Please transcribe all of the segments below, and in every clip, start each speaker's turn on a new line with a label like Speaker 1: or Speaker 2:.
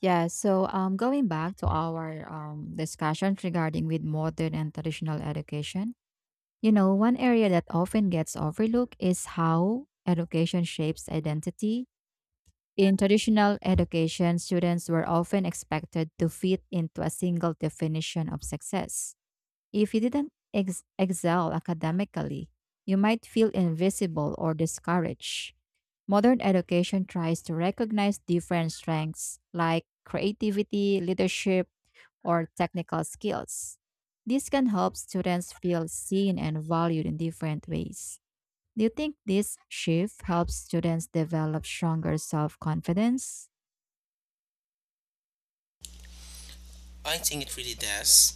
Speaker 1: Yeah, going back to our discussion regarding with modern and traditional education, you know, one area that often gets overlooked is how education shapes identity. In traditional education, students were often expected to fit into a single definition of success. If you didn't excel academically, you might feel invisible or discouraged. Modern education tries to recognize different strengths like creativity, leadership, or technical skills. This can help students feel seen and valued in different ways. Do you think this shift helps students develop stronger self confidence?
Speaker 2: I think it really does,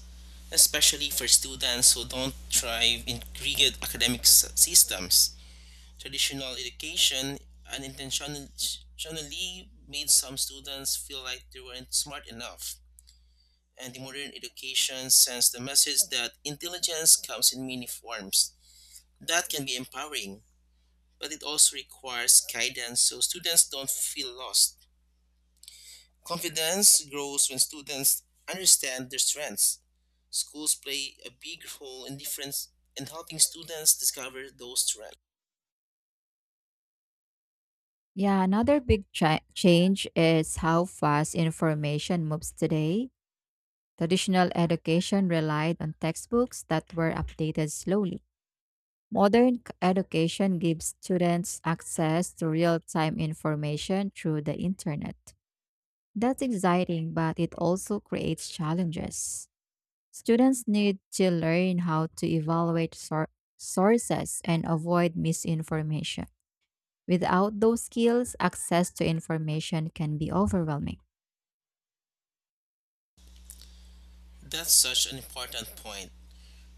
Speaker 2: especially for students who don't thrive in rigid systems. Traditional education unintentionally made some students feel like they weren't smart enough. And the modern education sends the message that intelligence comes in many forms. That can be empowering, but it also requires guidance so students don't feel lost. Confidence grows when students understand their strengths. Schools play a big role in difference in helping students discover those strengths.
Speaker 1: Yeah, another big change is how fast information moves today. Traditional education relied on textbooks that were updated slowly. Modern education gives students access to real time information through the internet. That's exciting, but it also creates challenges. Students need to learn how to evaluate sources and avoid misinformation. Without those skills, access to information can be overwhelming.
Speaker 2: That's such an important point.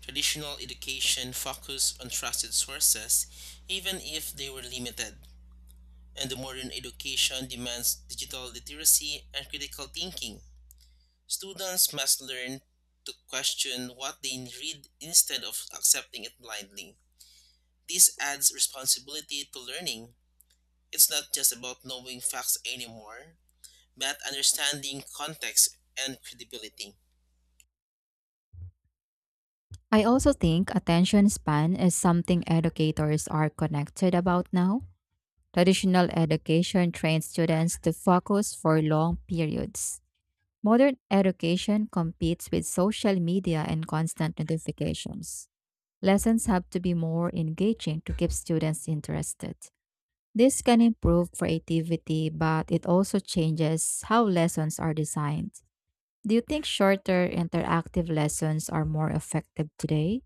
Speaker 2: Traditional education focused on trusted sources even if they were limited, and the modern education demands digital literacy and critical thinking. Students must learn to question what they read instead of accepting it blindly. This adds responsibility to learning. It's not just about knowing facts anymore, but understanding context and credibility.
Speaker 1: I also think attention span is something educators are connected about now. Traditional education trains students to focus for long periods. Modern education competes with social media and constant notifications. Lessons have to be more engaging to keep students interested. This can improve creativity, but it also changes how lessons are designed. Do you think shorter interactive lessons are more effective today?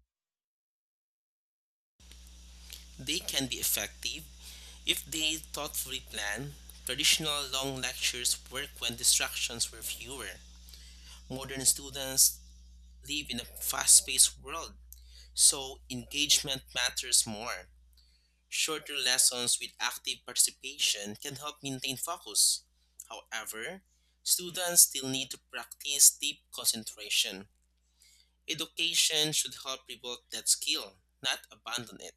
Speaker 2: They can be effective if they thoughtfully plan. Traditional long lectures work when distractions were fewer. Modern students live in a fast paced world, so engagement matters more. Shorter lessons with active participation can help maintain focus. However, students still need to practice deep concentration. Education should help develop that skill, not abandon it.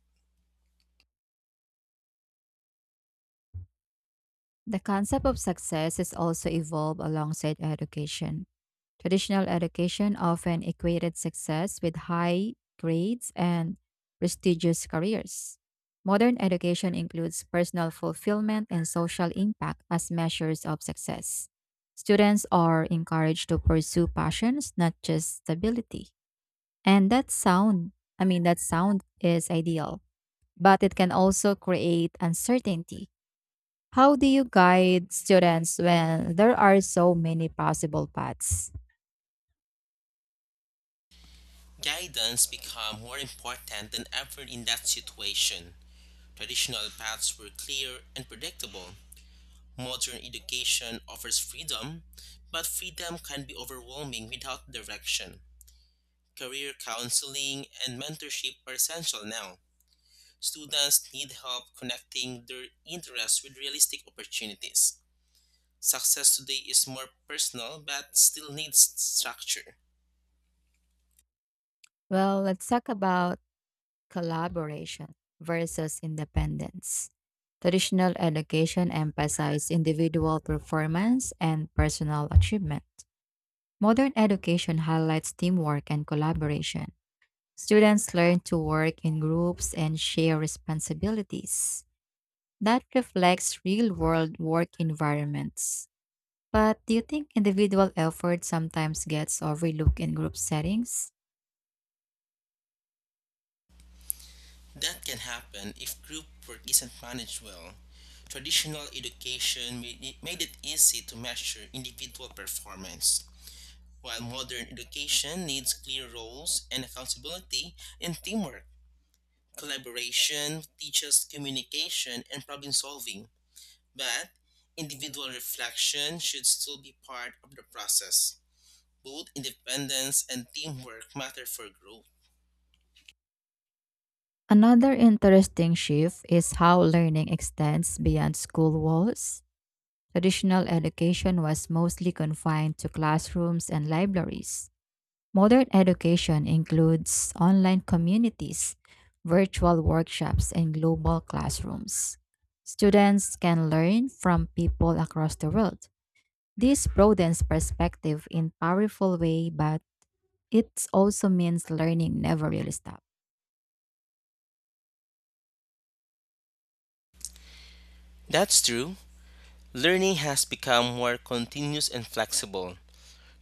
Speaker 1: The concept of success has also evolved alongside education. Traditional education often equated success with high grades and prestigious careers. Modern education includes personal fulfillment and social impact as measures of success. Students are encouraged to pursue passions, not just stability. And that sound is ideal, but it can also create uncertainty. How do you guide students when there are so many possible paths?
Speaker 2: Guidance become more important than ever in that situation. Traditional paths were clear and predictable. Modern education offers freedom, but freedom can be overwhelming without direction. Career counseling and mentorship are essential now. Students need help connecting their interests with realistic opportunities. Success today is more personal but still needs structure.
Speaker 1: Well, let's talk about collaboration versus independence. Traditional education emphasizes individual performance and personal achievement. Modern education highlights teamwork and collaboration. Students learn to work in groups and share responsibilities. That reflects real world work environments. But do you think individual effort sometimes gets overlooked in group settings?
Speaker 2: That can happen if group work isn't managed well. Traditional education made it easy to measure individual performance, while modern education needs clear roles and accountability and teamwork. Collaboration teaches communication and problem solving, but individual reflection should still be part of the process. Both independence and teamwork matter for growth.
Speaker 1: Another interesting shift is how learning extends beyond school walls. Traditional education was mostly confined to classrooms and libraries. Modern education includes online communities, virtual workshops, and global classrooms. Students can learn from people across the world. This broadens perspective in powerful way, but it also means learning never really stops.
Speaker 2: That's true. Learning has become more continuous and flexible.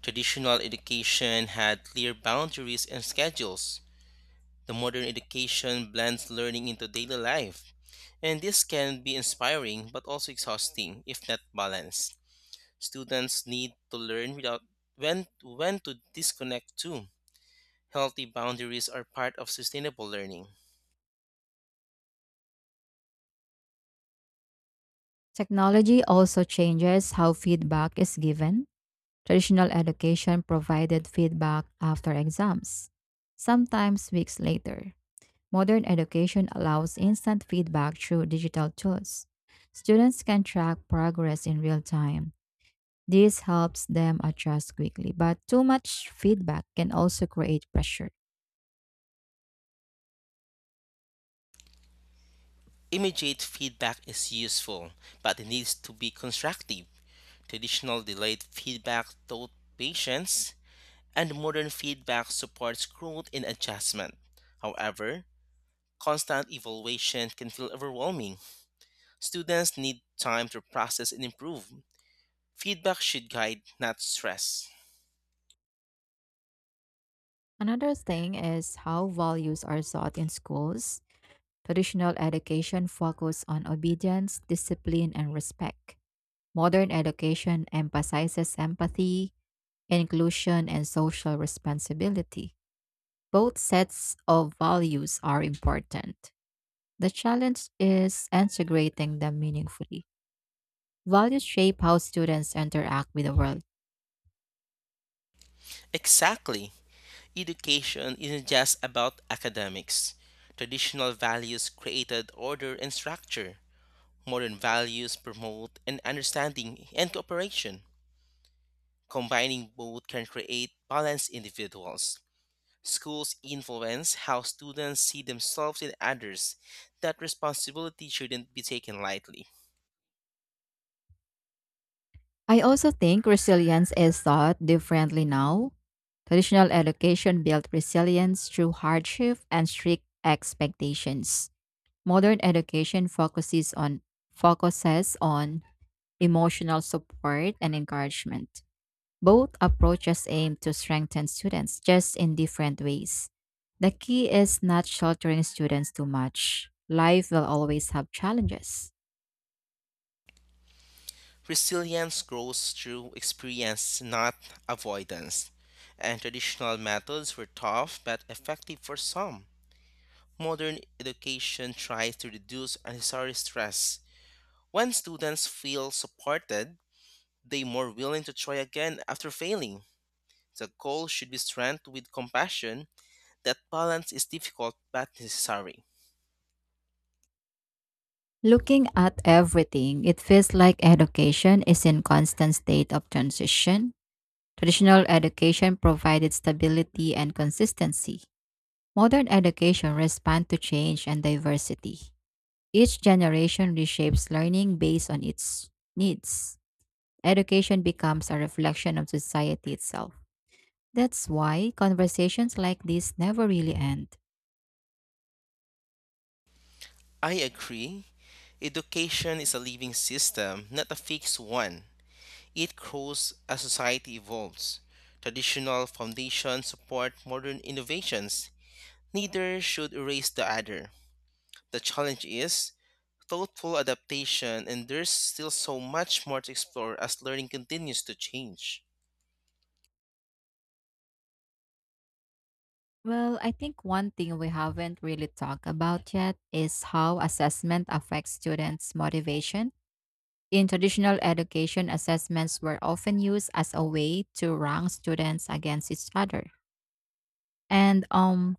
Speaker 2: Traditional education had clear boundaries and schedules. The modern education blends learning into daily life. And this can be inspiring but also exhausting if not balanced. Students need to learn without when to disconnect too. Healthy boundaries are part of sustainable learning.
Speaker 1: Technology also changes how feedback is given. Traditional education provided feedback after exams, sometimes weeks later. Modern education allows instant feedback through digital tools. Students can track progress in real time. This helps them adjust quickly, but too much feedback can also create pressure.
Speaker 2: Immediate feedback is useful, but it needs to be constructive. Traditional delayed feedback taught patience, and modern feedback supports growth and adjustment. However, constant evaluation can feel overwhelming. Students need time to process and improve. Feedback should guide, not stress.
Speaker 1: Another thing is how values are taught in schools. Traditional education focuses on obedience, discipline, and respect. Modern education emphasizes empathy, inclusion, and social responsibility. Both sets of values are important. The challenge is integrating them meaningfully. Values shape how students interact with the world.
Speaker 2: Exactly. Education isn't just about academics. Traditional values created order and structure. Modern values promote an understanding and cooperation. Combining both can create balanced individuals. Schools influence how students see themselves and others. That responsibility shouldn't be taken lightly.
Speaker 1: I also think resilience is thought differently now. Traditional education built resilience through hardship and strict expectations. Modern education focuses on emotional support and encouragement. Both approaches aim to strengthen students just in different ways. The key is not sheltering students too much. Life will always have challenges.
Speaker 2: Resilience grows through experience, not avoidance. And traditional methods were tough but effective for some. Modern education tries to reduce unnecessary stress. When students feel supported, they are more willing to try again after failing. The goal should be strength with compassion. That balance is difficult but necessary.
Speaker 1: Looking at everything, it feels like education is in constant state of transition. Traditional education provided stability and consistency. Modern education responds to change and diversity. Each generation reshapes learning based on its needs. Education becomes a reflection of society itself. That's why conversations like this never really end.
Speaker 2: I agree. Education is a living system, not a fixed one. It grows as society evolves. Traditional foundations support modern innovations. Neither should erase the other. The challenge is thoughtful adaptation, and there's still so much more to explore as learning continues to change.
Speaker 1: Well, I think one thing we haven't really talked about yet is how assessment affects students' motivation. In traditional education, assessments were often used as a way to rank students against each other. And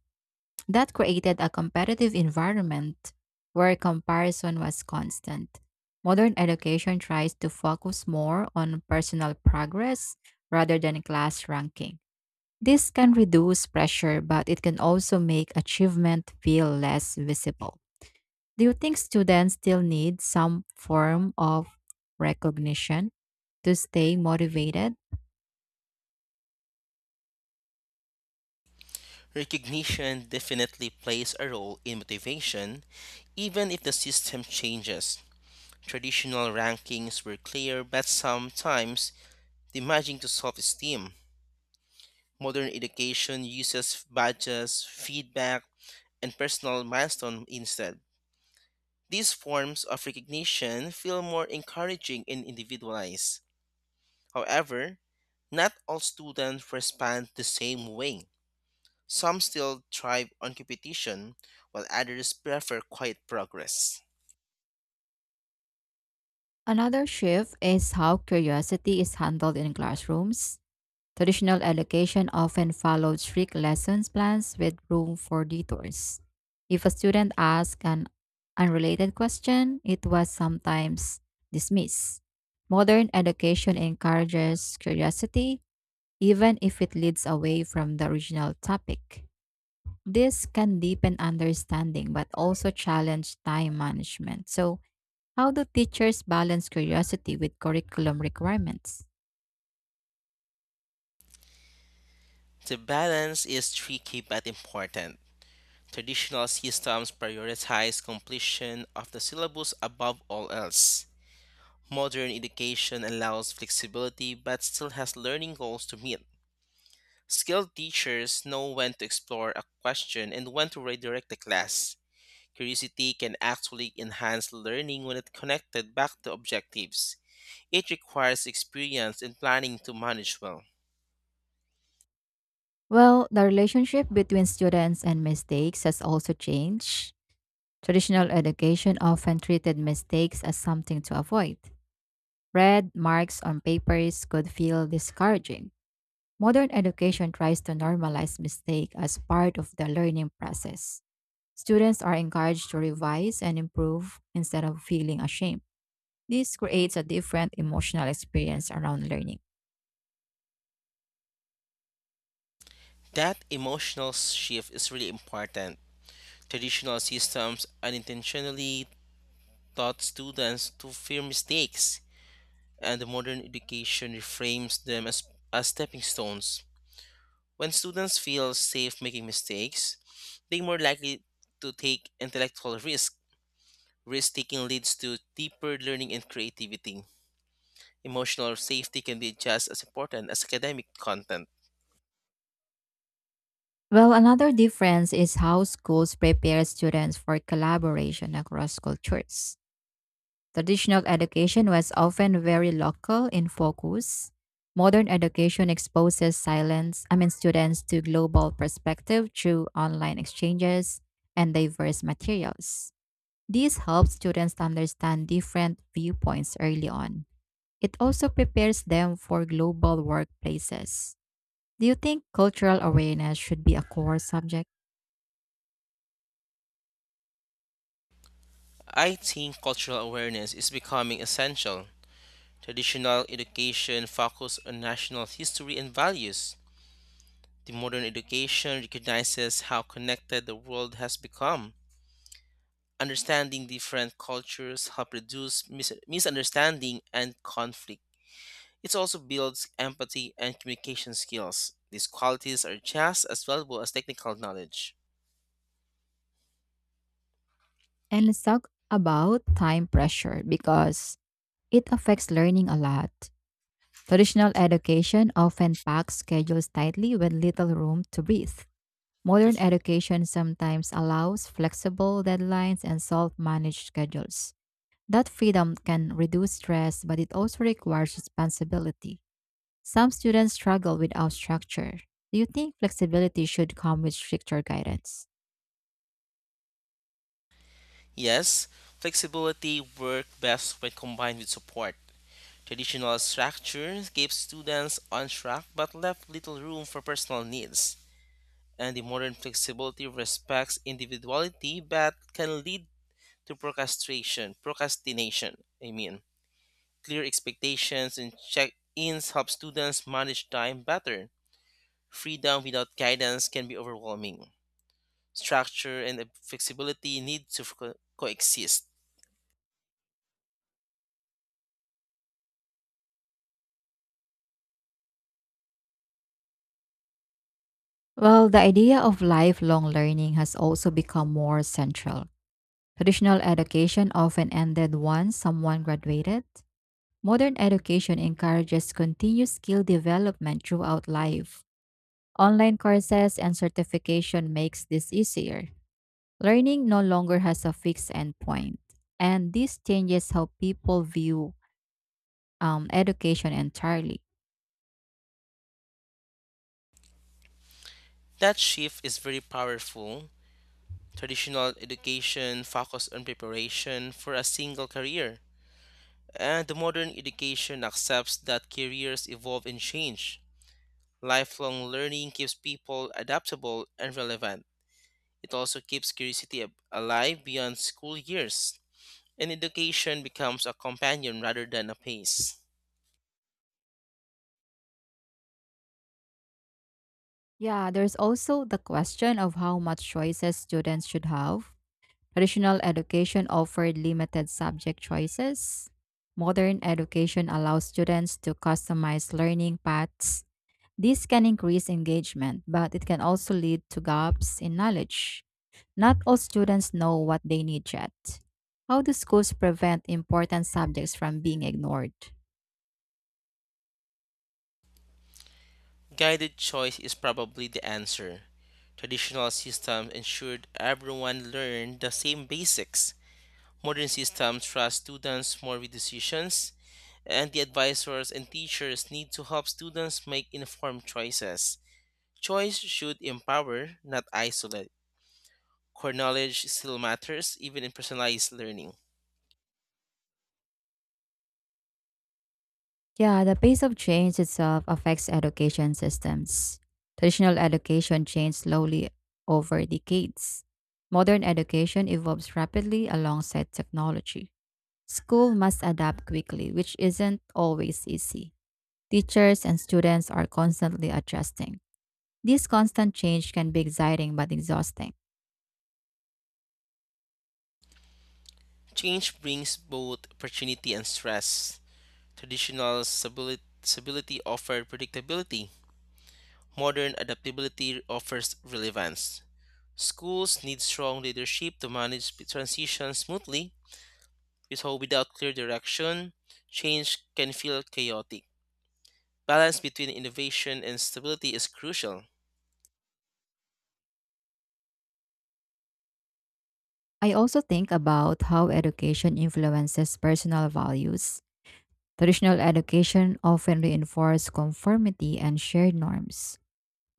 Speaker 1: That created a competitive environment where comparison was constant. Modern education tries to focus more on personal progress rather than class ranking. This can reduce pressure, but it can also make achievement feel less visible. Do you think students still need some form of recognition to stay motivated?
Speaker 2: Recognition definitely plays a role in motivation, even if the system changes. Traditional rankings were clear, but sometimes damaging to self esteem. Modern education uses badges, feedback, and personal milestones instead. These forms of recognition feel more encouraging and individualized. However, not all students respond the same way. Some still thrive on competition, while others prefer quiet progress.
Speaker 1: Another shift is how curiosity is handled in classrooms. Traditional education often followed strict lessons plans with room for detours. If a student asked an unrelated question, it was sometimes dismissed. Modern education encourages curiosity, even if it leads away from the original topic. This can deepen understanding but also challenge time management. So, how do teachers balance curiosity with curriculum requirements?
Speaker 2: The balance is tricky but important. Traditional systems prioritize completion of the syllabus above all else. Modern education allows flexibility but still has learning goals to meet. Skilled teachers know when to explore a question and when to redirect the class. Curiosity can actually enhance learning when it's connected back to objectives. It requires experience and planning to manage well.
Speaker 1: Well, the relationship between students and mistakes has also changed. Traditional education often treated mistakes as something to avoid. Red marks on papers could feel discouraging. Modern education tries to normalize mistake as part of the learning process. Students are encouraged to revise and improve instead of feeling ashamed. This creates a different emotional experience around learning.
Speaker 2: That emotional shift is really important. Traditional systems unintentionally taught students to fear mistakes, and the modern education reframes them as stepping stones. When students feel safe making mistakes, they're more likely to take intellectual risk. Risk taking leads to deeper learning and creativity. Emotional safety can be just as important as academic content.
Speaker 1: Well, another difference is how schools prepare students for collaboration across cultures. Traditional education was often very local in focus. Modern education exposes silence, I mean students to global perspective through online exchanges and diverse materials. This helps students understand different viewpoints early on. It also prepares them for global workplaces. Do you think cultural awareness should be a core subject?
Speaker 2: I think cultural awareness is becoming essential. Traditional education focuses on national history and values. The modern education recognizes how connected the world has become. Understanding different cultures helps reduce misunderstanding and conflict. It also builds empathy and communication skills. These qualities are just as valuable as technical knowledge.
Speaker 1: And let's talk about time pressure because it affects learning a lot. Traditional education often packs schedules tightly with little room to breathe. Modern education sometimes allows flexible deadlines and self managed schedules. That freedom can reduce stress, but it also requires responsibility. Some students struggle without structure. Do you think flexibility should come with stricter guidance?
Speaker 2: Yes, flexibility works best when combined with support. Traditional structures keep students on track but left little room for personal needs. And the modern flexibility respects individuality but can lead to procrastination, I mean. Clear expectations and check-ins help students manage time better. Freedom without guidance can be overwhelming. Structure and flexibility need to coexist.
Speaker 1: Well, the idea of lifelong learning has also become more central. Traditional education often ended once someone graduated. Modern education encourages continuous skill development throughout life. Online courses and certification makes this easier. Learning no longer has a fixed endpoint, and this changes how people view education entirely.
Speaker 2: That shift is very powerful. Traditional education focused on preparation for a single career, and the modern education accepts that careers evolve and change. Lifelong learning keeps people adaptable and relevant. It also keeps curiosity alive beyond school years, and education becomes a companion rather than a pace.
Speaker 1: Yeah, there's also the question of how much choices students should have. Traditional education offered limited subject choices. Modern education allows students to customize learning paths. This can increase engagement, but it can also lead to gaps in knowledge. Not all students know what they need yet. How do schools prevent important subjects from being ignored?
Speaker 2: Guided choice is probably the answer. Traditional systems ensured everyone learned the same basics. Modern systems trust students more with decisions, and the advisors and teachers need to help students make informed choices. Choice should empower, not isolate. Core knowledge still matters, even in personalized learning.
Speaker 1: Yeah, the pace of change itself affects education systems. Traditional education changed slowly over decades. Modern education evolves rapidly alongside technology. School must adapt quickly, which isn't always easy. Teachers and students are constantly adjusting. This constant change can be exciting but exhausting.
Speaker 2: Change brings both opportunity and stress. Traditional stability offered predictability, modern adaptability offers relevance. Schools need strong leadership to manage transitions smoothly. So without clear direction, change can feel chaotic. Balance between innovation and stability is crucial.
Speaker 1: I also think about how education influences personal values. Traditional education often reinforces conformity and shared norms.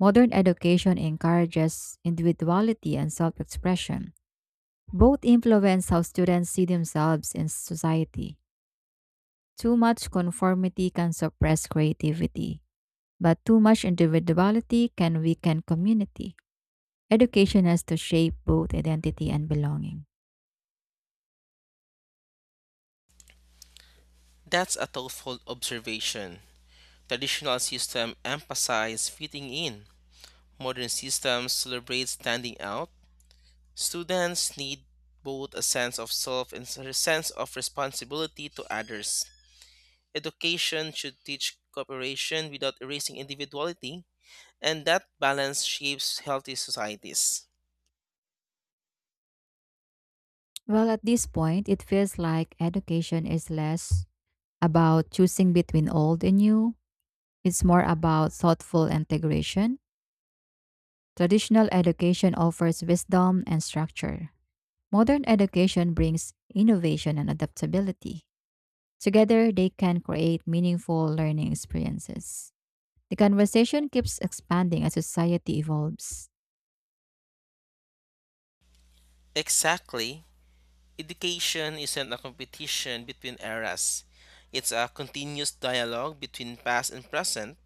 Speaker 1: Modern education encourages individuality and self expression. Both influence how students see themselves in society. Too much conformity can suppress creativity, but too much individuality can weaken community. Education has to shape both identity and belonging.
Speaker 2: That's a thoughtful observation. Traditional systems emphasize fitting in. Modern systems celebrate standing out. Students need both a sense of self and a sense of responsibility to others. Education should teach cooperation without erasing individuality, and that balance shapes healthy societies.
Speaker 1: Well, at this point, it feels like education is less about choosing between old and new. It's more about thoughtful integration. Traditional education offers wisdom and structure. Modern education brings innovation and adaptability. Together, they can create meaningful learning experiences. The conversation keeps expanding as society evolves.
Speaker 2: Exactly. Education isn't a competition between eras. It's a continuous dialogue between past and present,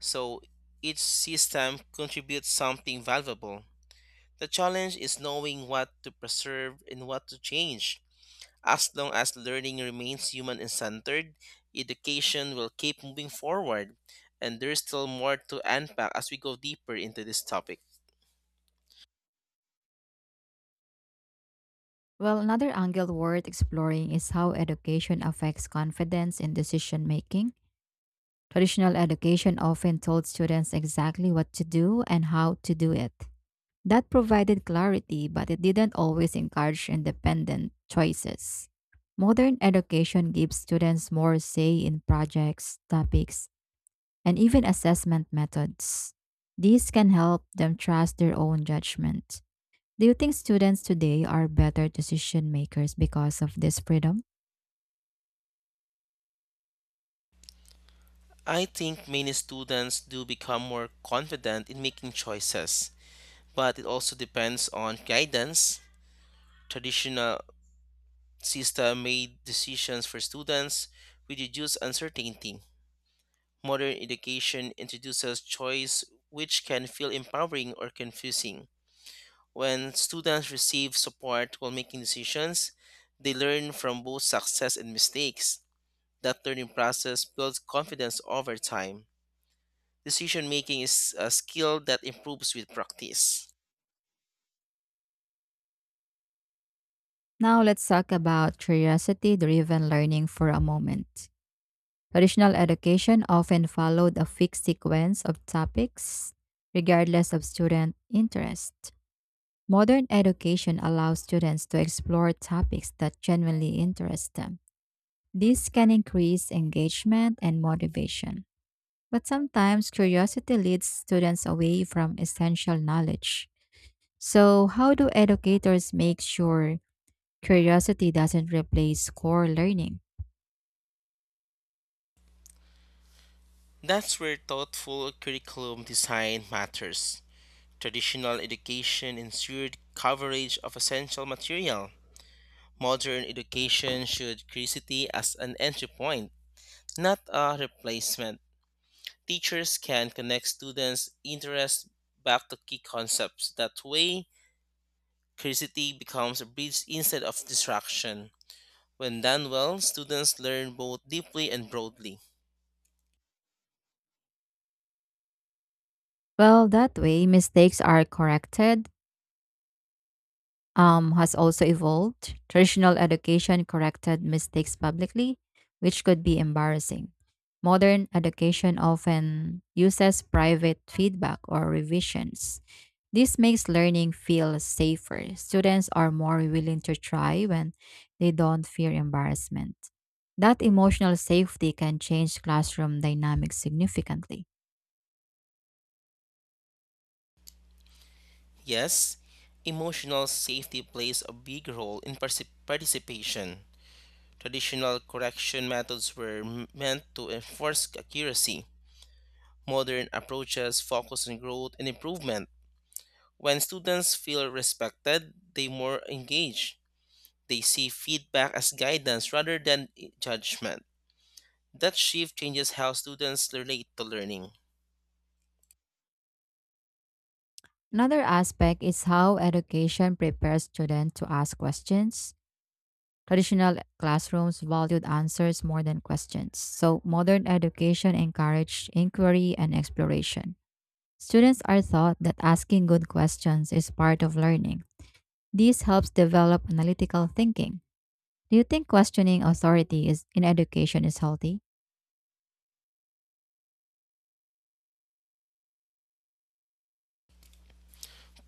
Speaker 2: so each system contributes something valuable. The challenge is knowing what to preserve and what to change. As long as learning remains human and centered, education will keep moving forward, and there's still more to unpack as we go deeper into this topic.
Speaker 1: Well, another angle worth exploring is how education affects confidence in decision making. Traditional education often told students exactly what to do and how to do it. That provided clarity, but it didn't always encourage independent choices. Modern education gives students more say in projects, topics, and even assessment methods. These can help them trust their own judgment. Do you think students today are better decision makers because of this freedom?
Speaker 2: I think many students do become more confident in making choices, but it also depends on guidance. Traditional system made decisions for students which reduce uncertainty. Modern education introduces choice which can feel empowering or confusing. When students receive support while making decisions, they learn from both success and mistakes. That learning process builds confidence over time. Decision making is a skill that improves with practice.
Speaker 1: Now, let's talk about curiosity driven learning for a moment. Traditional education often followed a fixed sequence of topics, regardless of student interest. Modern education allows students to explore topics that genuinely interest them. This can increase engagement and motivation. But sometimes curiosity leads students away from essential knowledge. So, how do educators make sure curiosity doesn't replace core learning?
Speaker 2: That's where thoughtful curriculum design matters. Traditional education ensured coverage of essential material. Modern education should curiosity as an entry point, not a replacement. Teachers can connect students' interest back to key concepts. That way, curiosity becomes a bridge instead of distraction. When done well, students learn both deeply and broadly.
Speaker 1: Well, that way, mistakes are corrected, has also evolved. Traditional education corrected mistakes publicly, which could be embarrassing. Modern education often uses private feedback or revisions. This makes learning feel safer. Students are more willing to try when they don't fear embarrassment. That emotional safety can change classroom dynamics significantly.
Speaker 2: Yes, emotional safety plays a big role in participation. Traditional correction methods were meant to enforce accuracy. Modern approaches focus on growth and improvement. When students feel respected, they more engage. They see feedback as guidance rather than judgment. That shift changes how students relate to learning.
Speaker 1: Another aspect is how education prepares students to ask questions. Traditional classrooms valued answers more than questions, so modern education encouraged inquiry and exploration. Students are taught that asking good questions is part of learning. This helps develop analytical thinking. Do you think questioning authority is in education is healthy?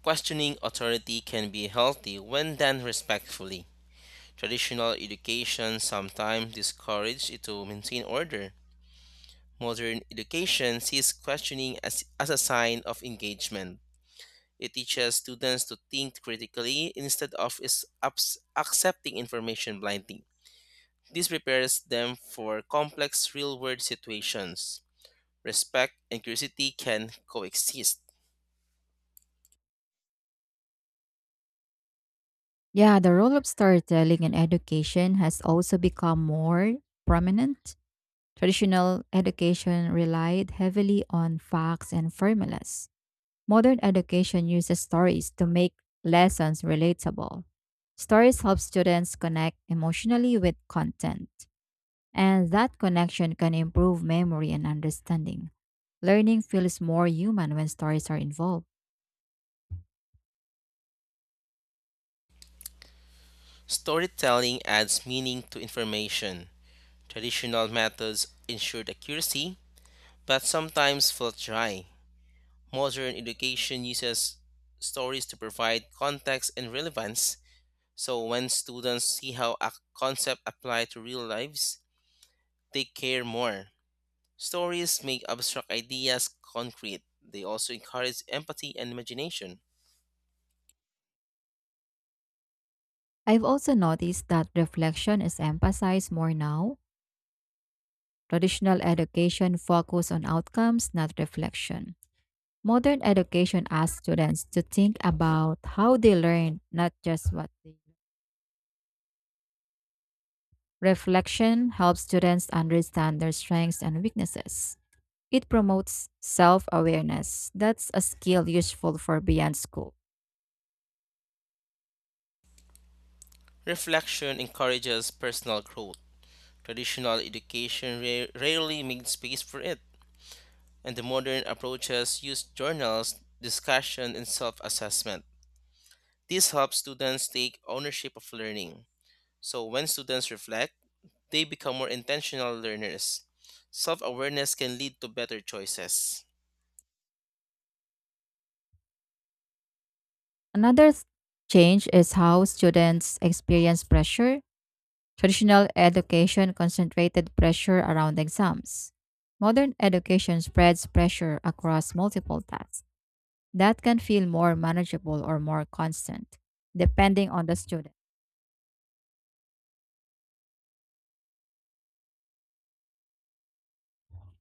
Speaker 2: Questioning authority can be healthy when done respectfully. Traditional education sometimes discourages it to maintain order. Modern education sees questioning as a sign of engagement. It teaches students to think critically instead of accepting information blindly. This prepares them for complex real world situations. Respect and curiosity can coexist.
Speaker 1: Yeah, the role of storytelling in education has also become more prominent. Traditional education relied heavily on facts and formulas. Modern education uses stories to make lessons relatable. Stories help students connect emotionally with content, and that connection can improve memory and understanding. Learning feels more human when stories are involved.
Speaker 2: Storytelling adds meaning to information. Traditional methods ensure accuracy, but sometimes fall dry. Modern education uses stories to provide context and relevance, so when students see how a concept applies to real lives, they care more. Stories make abstract ideas concrete. They also encourage empathy and imagination.
Speaker 1: I've also noticed that reflection is emphasized more now. Traditional education focuses on outcomes, not reflection. Modern education asks students to think about how they learn, not just what. Reflection helps students understand their strengths and weaknesses. It promotes self awareness. That's a skill useful for beyond school.
Speaker 2: Reflection encourages personal growth. Traditional education rarely made space for it, and the modern approaches use journals, discussion, and self assessment. This helps students take ownership of learning. So when students reflect, they become more intentional learners. Self awareness can lead to better choices.
Speaker 1: Another change is how students experience pressure. Traditional education concentrated pressure around exams. Modern education spreads pressure across multiple tasks. That can feel more manageable or more constant, depending on the student.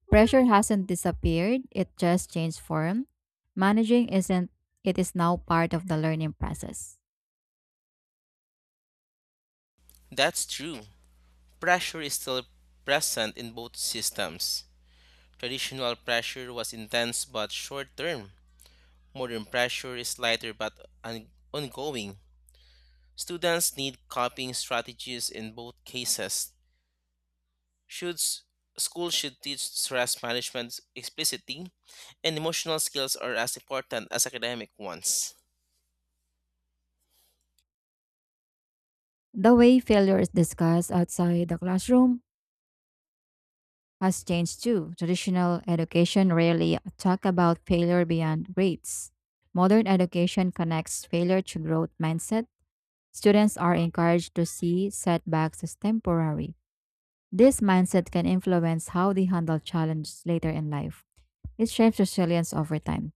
Speaker 1: Pressure hasn't disappeared, it just changed form. Managing isn't, It is now part of the learning process.
Speaker 2: That's true. Pressure is still present in both systems. Traditional pressure was intense but short term. Modern pressure is lighter but ongoing. Students need coping strategies in both cases. Should s- schools should teach stress management explicitly, and emotional skills are as important as academic ones.
Speaker 1: The way failure is discussed outside the classroom has changed too. Traditional education rarely talk about failure beyond grades. Modern education connects failure to growth mindset. Students are encouraged to see setbacks as temporary. This mindset can influence how they handle challenges later in life. It shapes resilience over time.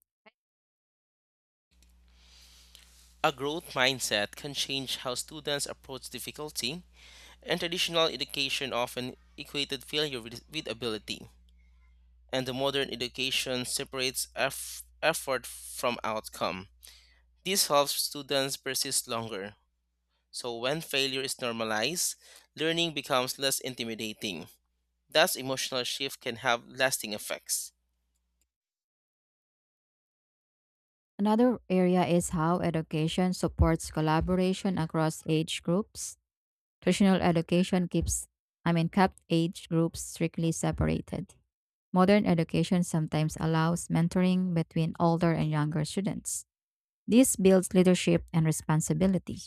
Speaker 2: A growth mindset can change how students approach difficulty, and traditional education often equated failure with ability, and the modern education separates effort from outcome. This helps students persist longer. So, when failure is normalized, learning becomes less intimidating. Thus, emotional shift can have lasting effects.
Speaker 1: Another area is how education supports collaboration across age groups. Traditional education kept age groups strictly separated. Modern education sometimes allows mentoring between older and younger students. This builds leadership and responsibility.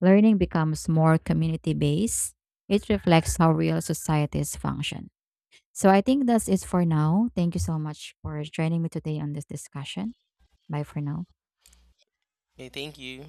Speaker 1: Learning becomes more community based. It reflects how real societies function. So I think that's it for now. Thank you so much for joining me today on this discussion. Bye for now.
Speaker 2: Okay, thank you.